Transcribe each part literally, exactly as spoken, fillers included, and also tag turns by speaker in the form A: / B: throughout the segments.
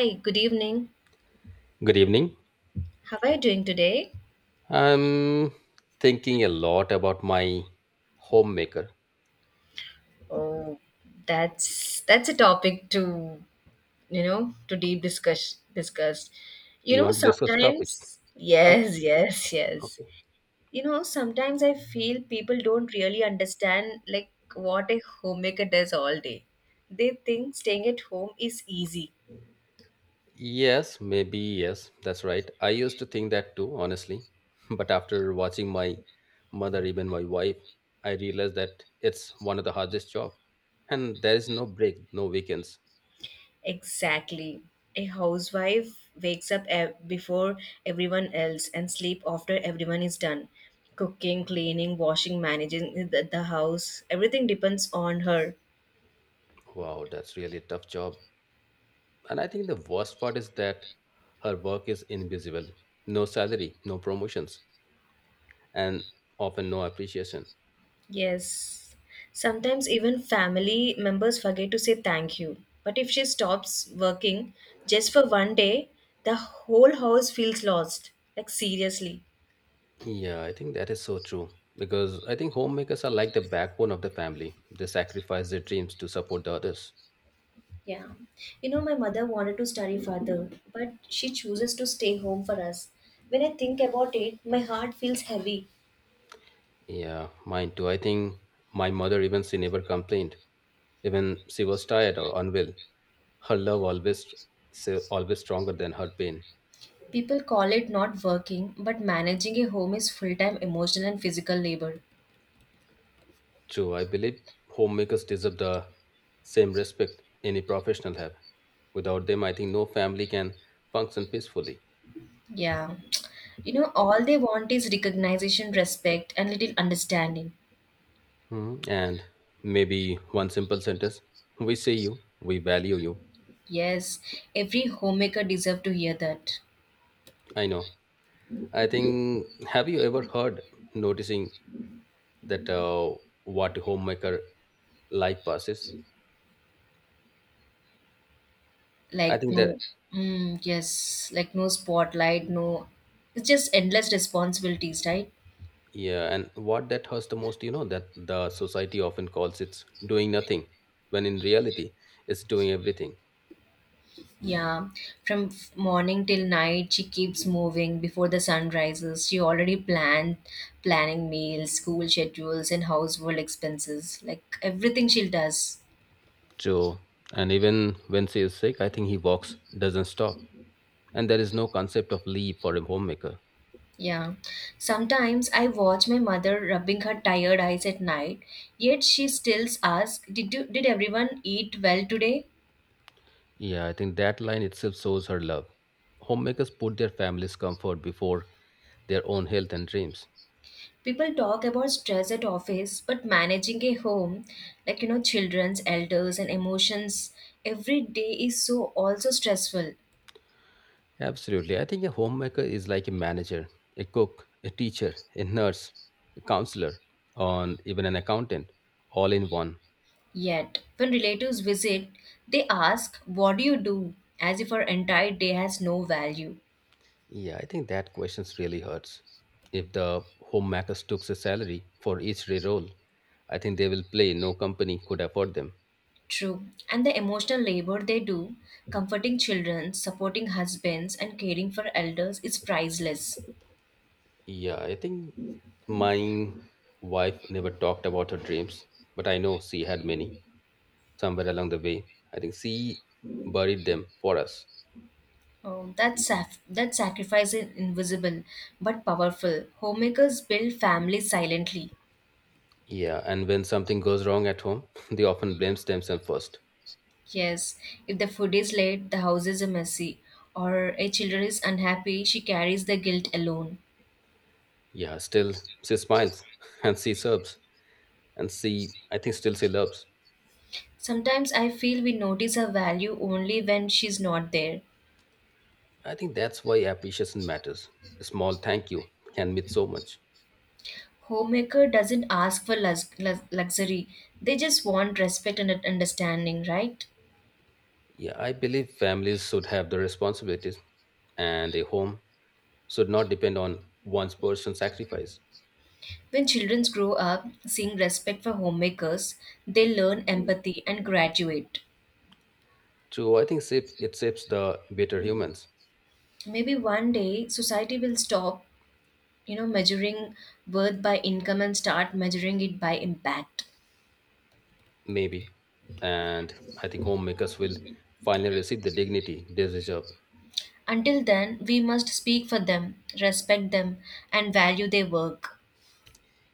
A: Hi, good evening.
B: Good evening.
A: How are you doing today?
B: I'm thinking a lot about my homemaker.
A: Oh, that's that's a topic to you know to deep discuss discuss. You
B: You
A: know,
B: want to discuss the topic?
A: sometimes
B: Okay,
A: yes, yes, yes.
B: okay.
A: You know, sometimes I feel people don't really understand like what a homemaker does all day. They think staying at home is easy.
B: Yes, maybe yes. That's right. I used to think that too, honestly. But after watching my mother, even my wife, I realized that it's one of the hardest job, and there is no break, no weekends.
A: Exactly. A housewife wakes up ev- before everyone else and sleep after everyone is done. Cooking, cleaning, washing, managing the, the house, everything depends on her.
B: Wow, that's really a tough job. And I think the worst part is that her work is invisible. No salary, no promotions, and often no appreciation.
A: Yes. Sometimes even family members forget to say thank you. But if she stops working just for one day, the whole house feels lost. Like seriously.
B: Yeah, I think that is so true because I think homemakers are like the backbone of the family. They sacrifice their dreams to support the others.
A: Yeah. You know, my mother wanted to study further, but she chooses to stay home for us. When I think about it, my heart feels heavy.
B: Yeah, mine too. I think my mother, even she never complained, even she was tired or unwell. Her love always, so always stronger than her pain.
A: People call it not working, but managing a home is full time emotional and physical labor.
B: True, I believe homemakers deserve the same respect any professional have. Without them, I think no family can function peacefully.
A: Yeah. You know, all they want is recognition, respect, and little understanding.
B: Hmm, and maybe one simple sentence: we see you, we value you.
A: Yes, every homemaker deserves to hear that.
B: I know. I think, have you ever heard noticing that uh, what homemaker life passes? I
A: Like,
B: think that,
A: no, mm, yes, like no spotlight, no. It's just endless responsibilities, right?
B: yeah, and what that hurts the most, you know, that the society often calls it's doing nothing, when in reality, it's doing everything.
A: Yeah, from f- morning till night, she keeps moving before the sun rises. She already planned planning meals, school schedules, and household expenses. Like everything she does.
B: So, and even when she is sick, I think he walks, doesn't stop. And there is no concept of leave for a homemaker.
A: Yeah. Sometimes I watch my mother rubbing her tired eyes at night, yet she still asks, "Did you, did everyone eat well today?"
B: Yeah, I think that line itself shows her love. Homemakers put their family's comfort before their own health and dreams.
A: People talk about stress at office, but managing a home, like you know, children's, elders, and emotions every day is so also stressful.
B: Absolutely. I think a homemaker is like a manager, a cook, a teacher, a nurse, a counselor, and even an accountant, all in one.
A: Yet, when relatives visit, they ask, "What do you do?" as if our entire day has no value.
B: Yeah, I think that question really hurts. If the homemakers took a salary for each role, I think they will play. No company could afford them.
A: True, and the emotional labor they do, comforting children, supporting husbands, and caring for elders, is priceless.
B: Yeah, I think my wife never talked about her dreams, but I know she had many. Somewhere along the way, I think she buried them for us.
A: Oh, that, saf- that sacrifice is invisible but powerful. Homemakers build families silently.
B: Yeah, and when something goes wrong at home, they often blames themselves first.
A: Yes, if the food is late, the house is messy, or a child is unhappy, she carries the guilt alone.
B: Yeah, still she smiles and she serves, and she I think still she loves.
A: Sometimes I feel we notice her value only when she's not there.
B: I think that's why appreciation matters. A small thank you can mean so much.
A: Homemaker doesn't ask for lux- lux- luxury, they just want respect and understanding, right?
B: Yeah, I believe families should have the responsibilities and a home should not depend on one's personal sacrifice.
A: When children grow up seeing respect for homemakers, they learn empathy and graduate.
B: So I think shape- it shapes the better humans,
A: Maybe one day society will stop, you know, measuring worth by income and start measuring it by impact.
B: maybe. And I think homemakers will finally receive the dignity they deserve.
A: Until then, we must speak for them, respect them, and value their work.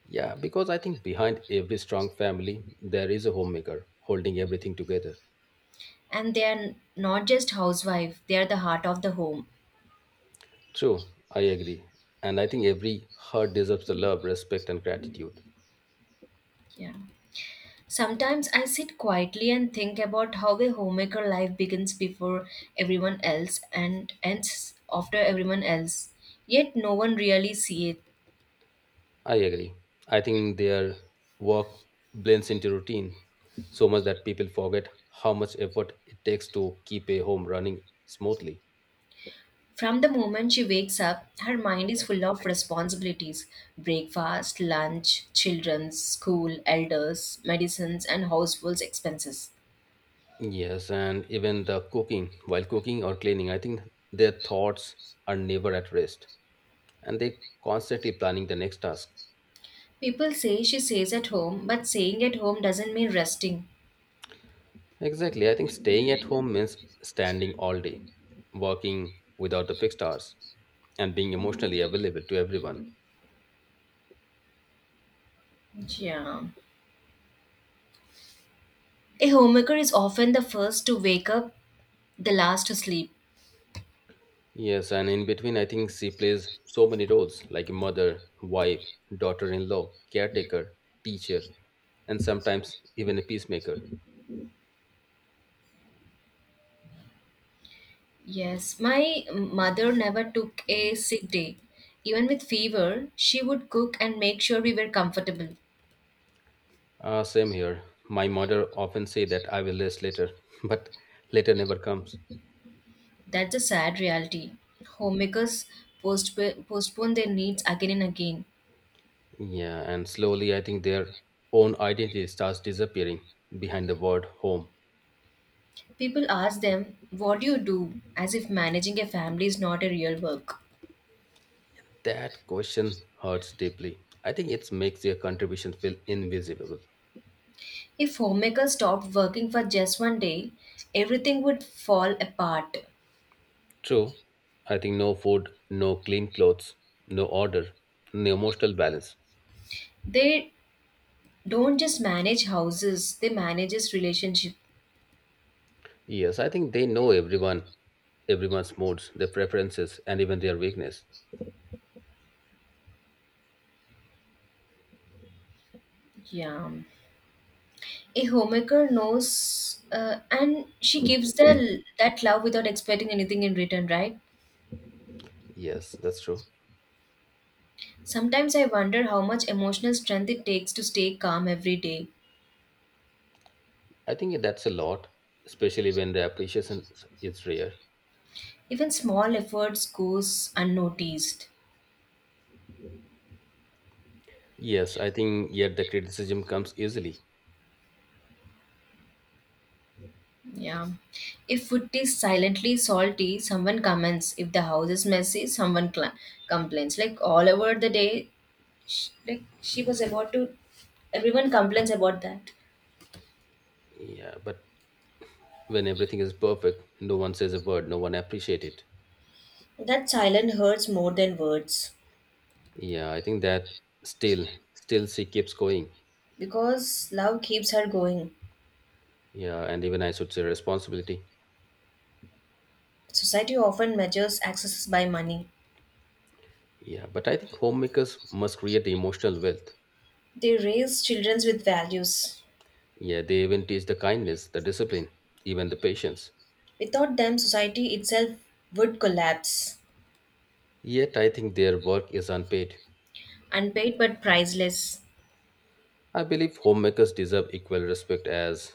B: Yeah, because I think behind every strong family, there is a homemaker holding everything together.
A: And they are not just housewife, they are the heart of the home.
B: True, I agree. And I think every heart deserves the love, respect, and gratitude.
A: Yeah, sometimes I sit quietly and think about how a homemaker life begins before everyone else and ends after everyone else, yet no one really see it.
B: I agree. I think their work blends into routine so much that people forget how much effort it takes to keep a home running smoothly.
A: From the moment she wakes up, her mind is full of responsibilities: breakfast, lunch, children's school, elders medicines, and household expenses.
B: Yes, and even the cooking, while cooking or cleaning, I think their thoughts are never at rest, and they constantly planning the next task.
A: People say she stays at home, but staying at home doesn't mean resting.
B: Exactly. I think staying at home means standing all day, working without the fixed hours, and being emotionally available to everyone.
A: Yeah. A homemaker is often the first to wake up, the last to sleep.
B: Yes, and in between, I think she plays so many roles like a mother, wife, daughter in law, caretaker, teacher, and sometimes even a peacemaker.
A: Yes, my mother never took a sick day. Even with fever, she would cook and make sure we were comfortable.
B: Uh, same here. My mother often say that I will rest later, but later never comes.
A: That's a sad reality. Homemakers postp- postpone their needs again and again.
B: Yeah, and slowly I think their own identity starts disappearing behind the word home.
A: People ask them, "What do you do?" as if managing a family is not a real work.
B: That question hurts deeply. I think it makes their contribution feel invisible.
A: If homemakers stopped working for just one day, everything would fall apart.
B: True, I think no food, no clean clothes, no order, no emotional balance.
A: They don't just manage houses, they manages relationship.
B: Yes, I think they know everyone, everyone's moods, their preferences, and even their weakness.
A: Yeah, a homemaker knows uh, and she gives the that love without expecting anything in return, right?
B: Yes, that's true.
A: Sometimes I wonder how much emotional strength it takes to stay calm every day.
B: I think that's a lot, especially when the appreciation is rare.
A: Even small efforts goes unnoticed.
B: Yes, I think yet the criticism comes easily.
A: Yeah. If food is silently salty, someone comments. If the house is messy, someone cla complains. Like all over the day, sh like she was about to. Everyone complains about that.
B: Yeah, but when everything is perfect, no one says a word, no one appreciates it.
A: That silence hurts more than words
B: Yeah, I think that still, still she keeps going.
A: because love keeps her going.
B: Yeah, and even I should say responsibility.
A: Society often measures access by money.
B: Yeah, but I think homemakers must create emotional wealth.
A: They raise children with values.
B: Yeah, they even teach the kindness, the discipline, even the patience.
A: Without them, society itself would collapse.
B: Yet I think their work is unpaid.
A: Unpaid but priceless.
B: I believe homemakers deserve equal respect as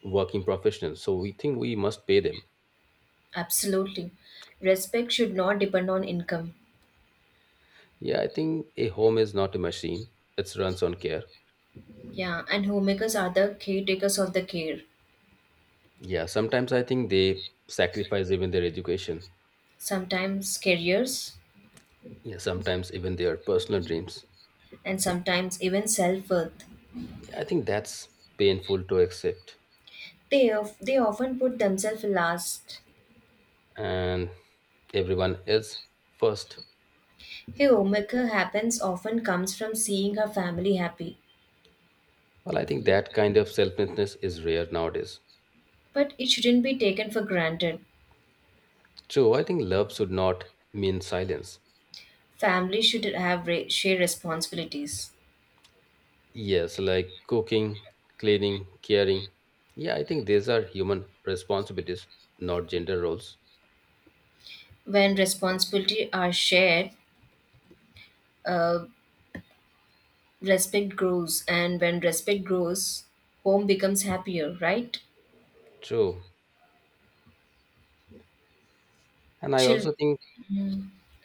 B: working professionals, so we think we must pay them.
A: Absolutely. Respect should not depend on income.
B: Yeah, I think a home is not a machine, it runs on care.
A: Yeah, and homemakers are the caretakers of the care,
B: Yeah, sometimes I think they sacrifice even their education.
A: sometimes careers,
B: Yeah, sometimes even their personal dreams.
A: and sometimes even self worth.
B: I think that's painful to accept.
A: They, of, they often put themselves last.
B: And everyone else first.
A: A homemaker happens often comes from seeing her family happy,
B: Well, I think that kind of selflessness is rare nowadays.
A: but it shouldn't be taken for granted.
B: True, I think love should not mean silence.
A: Family should have re- share responsibilities.
B: Yes, like cooking, cleaning, caring. Yeah, I think these are human responsibilities, not gender roles.
A: When responsibility are shared, uh, respect grows, and when respect grows, home becomes happier, right?
B: True. And I
A: Chill.
B: also think,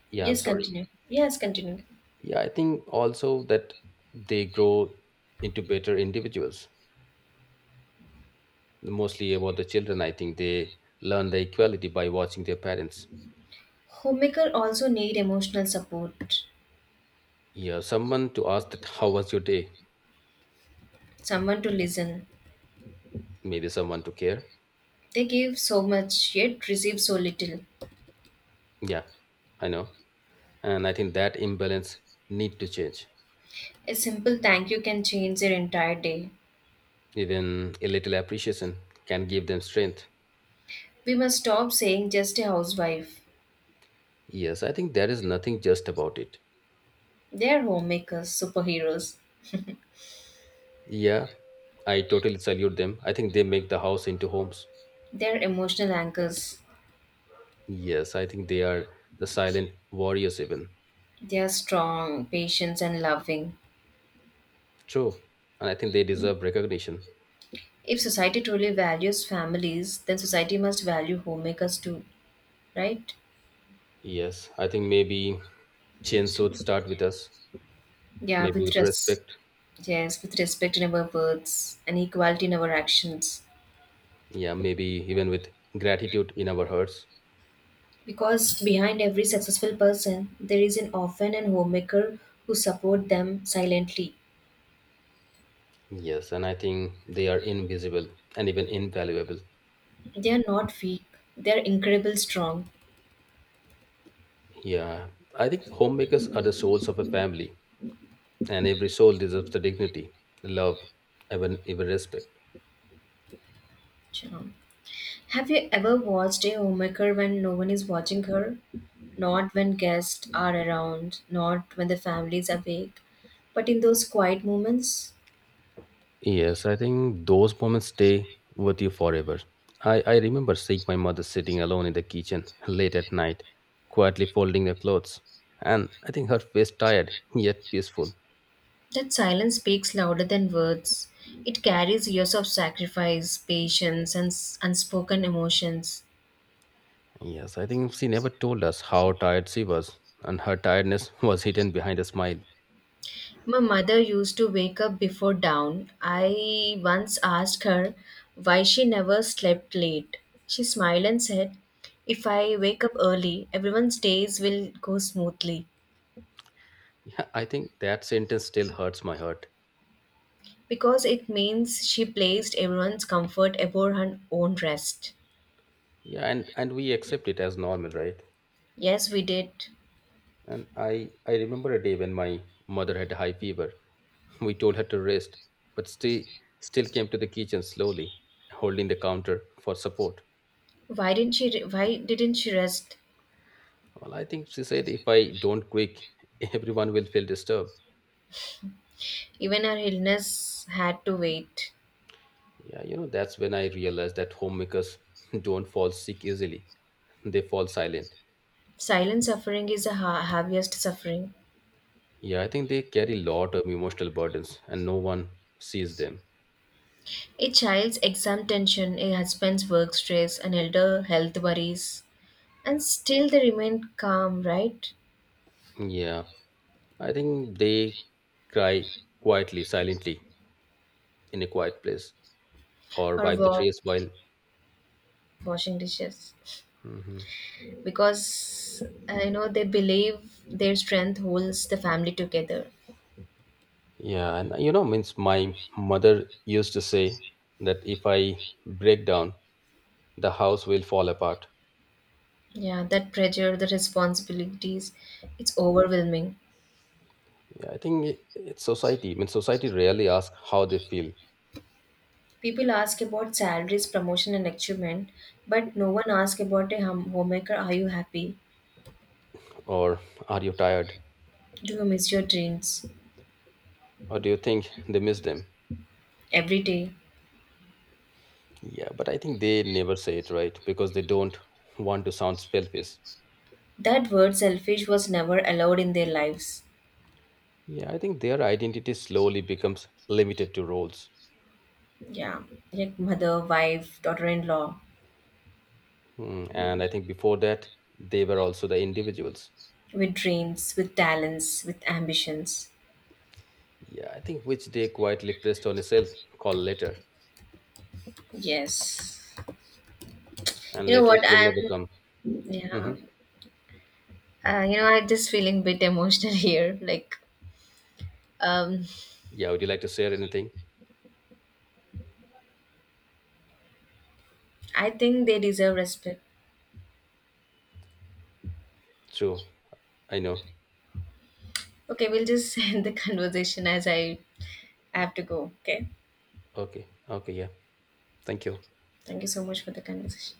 B: yeah, I'm
A: Yes,
B: sorry.
A: continue, yes, continue.
B: Yeah, I think also that they grow into better individuals. Mostly about the children, I think they learn the equality by watching their parents.
A: Homemaker also need emotional support,
B: Yeah, someone to ask that how was your day,
A: someone to listen.
B: maybe someone to care.
A: They give so much yet receive so little.
B: Yeah, I know, and I think that imbalance need to change.
A: A simple thank you can change their entire day.
B: Even a little appreciation can give them strength.
A: We must stop saying just a housewife.
B: Yes, I think there is nothing just about it.
A: They are homemakers superheroes.
B: Yeah, I totally salute them. I think they make the house into homes.
A: They are emotional anchors.
B: Yes, I think they are the silent warriors even.
A: They are strong, patient, and loving.
B: True, and I think they deserve recognition.
A: If society truly values families, then society must value homemakers too, right?
B: Yes, I think maybe change should start with us,
A: Yeah,
B: maybe
A: with
B: with
A: res-
B: respect.
A: yes, with respect in our words and equality in our actions.
B: Yeah, maybe even with gratitude in our hearts.
A: Because behind every successful person, there is an orphan and homemaker who support them silently.
B: Yes, and I think they are invisible and even invaluable.
A: They are not weak; they are incredibly strong.
B: Yeah, I think homemakers are the souls of a family, and every soul deserves the dignity, love, even even respect.
A: Shalom. Have you ever watched a homemaker when no one is watching her? Not when guests are around, not when the family is awake, but in those quiet moments?
B: Yes, I think those moments stay with you forever. I, I remember seeing my mother sitting alone in the kitchen late at night, quietly folding her clothes. And I think her face tired, yet peaceful.
A: That silence speaks louder than words. It carries years of sacrifice, patience, and s- unspoken emotions.
B: Yes, I think she never told us how tired she was, and her tiredness was hidden behind a smile.
A: My mother used to wake up before dawn. I once asked her why she never slept late. She smiled and said, "If I wake up early, everyone's days will go smoothly,"
B: Yeah, I think that sentence still hurts my heart.
A: because it means she placed everyone's comfort above her own rest.
B: Yeah, and, and we accept it as normal, right?
A: Yes, we did.
B: And I, I remember a day when my mother had a high fever. We told her to rest, but she still came to the kitchen slowly, holding the counter for support.
A: Why didn't she re- why didn't she rest?
B: Well, I think she said, if I don't quick, everyone will feel disturbed.
A: Even her illness had to wait.
B: Yeah, you know, that's when I realized that homemakers don't fall sick easily. They fall silent.
A: Silent suffering is the ha- heaviest suffering.
B: Yeah, I think they carry a lot of emotional burdens and no one sees them.
A: A child's exam tension, a husband's work stress, an elder health worries, and still they remain calm, right?
B: Yeah, I think they cry quietly, silently in a quiet place or
A: Or
B: wipe the
A: wa-
B: trays while.
A: washing dishes.
B: Mhm.
A: Because, uh, you know, they believe their strength holds the family together.
B: Yeah, and you know, means my mother used to say that if I break down, the house will fall apart.
A: Yeah, that pressure, the responsibilities, it's overwhelming.
B: Yeah, I think it- it's society. I mean, society rarely asks how they feel,
A: People ask about salaries, promotion, and achievement, but no one asks about a hum- homemaker. Are you happy?
B: or are you tired,
A: Do you miss your dreams
B: or do you think they miss them?
A: every day?
B: Yeah, but I think they never say it right because they don't want to sound selfish.
A: That word selfish was never allowed in their lives.
B: Yeah, I think their identity slowly becomes limited to roles.
A: Yeah, like mother, wife, daughter in law,
B: Hmm, and I think before that, they were also the individuals.
A: with dreams, with talents, with ambitions.
B: Yeah, I think which they quietly pressed on itself, call later.
A: Yes.
B: And
A: You know
B: later it
A: what?
B: will never
A: I'm,
B: come. Hmm.
A: yeah, uh, you know, I'm just feeling bit emotional here. Like, um,
B: Yeah, would you like to share anything?
A: I think they deserve respect.
B: Sure. I know.
A: Okay, we'll just end the conversation as I have to go. Okay.
B: Okay, okay, yeah. Thank you.
A: Thank you so much for the conversation.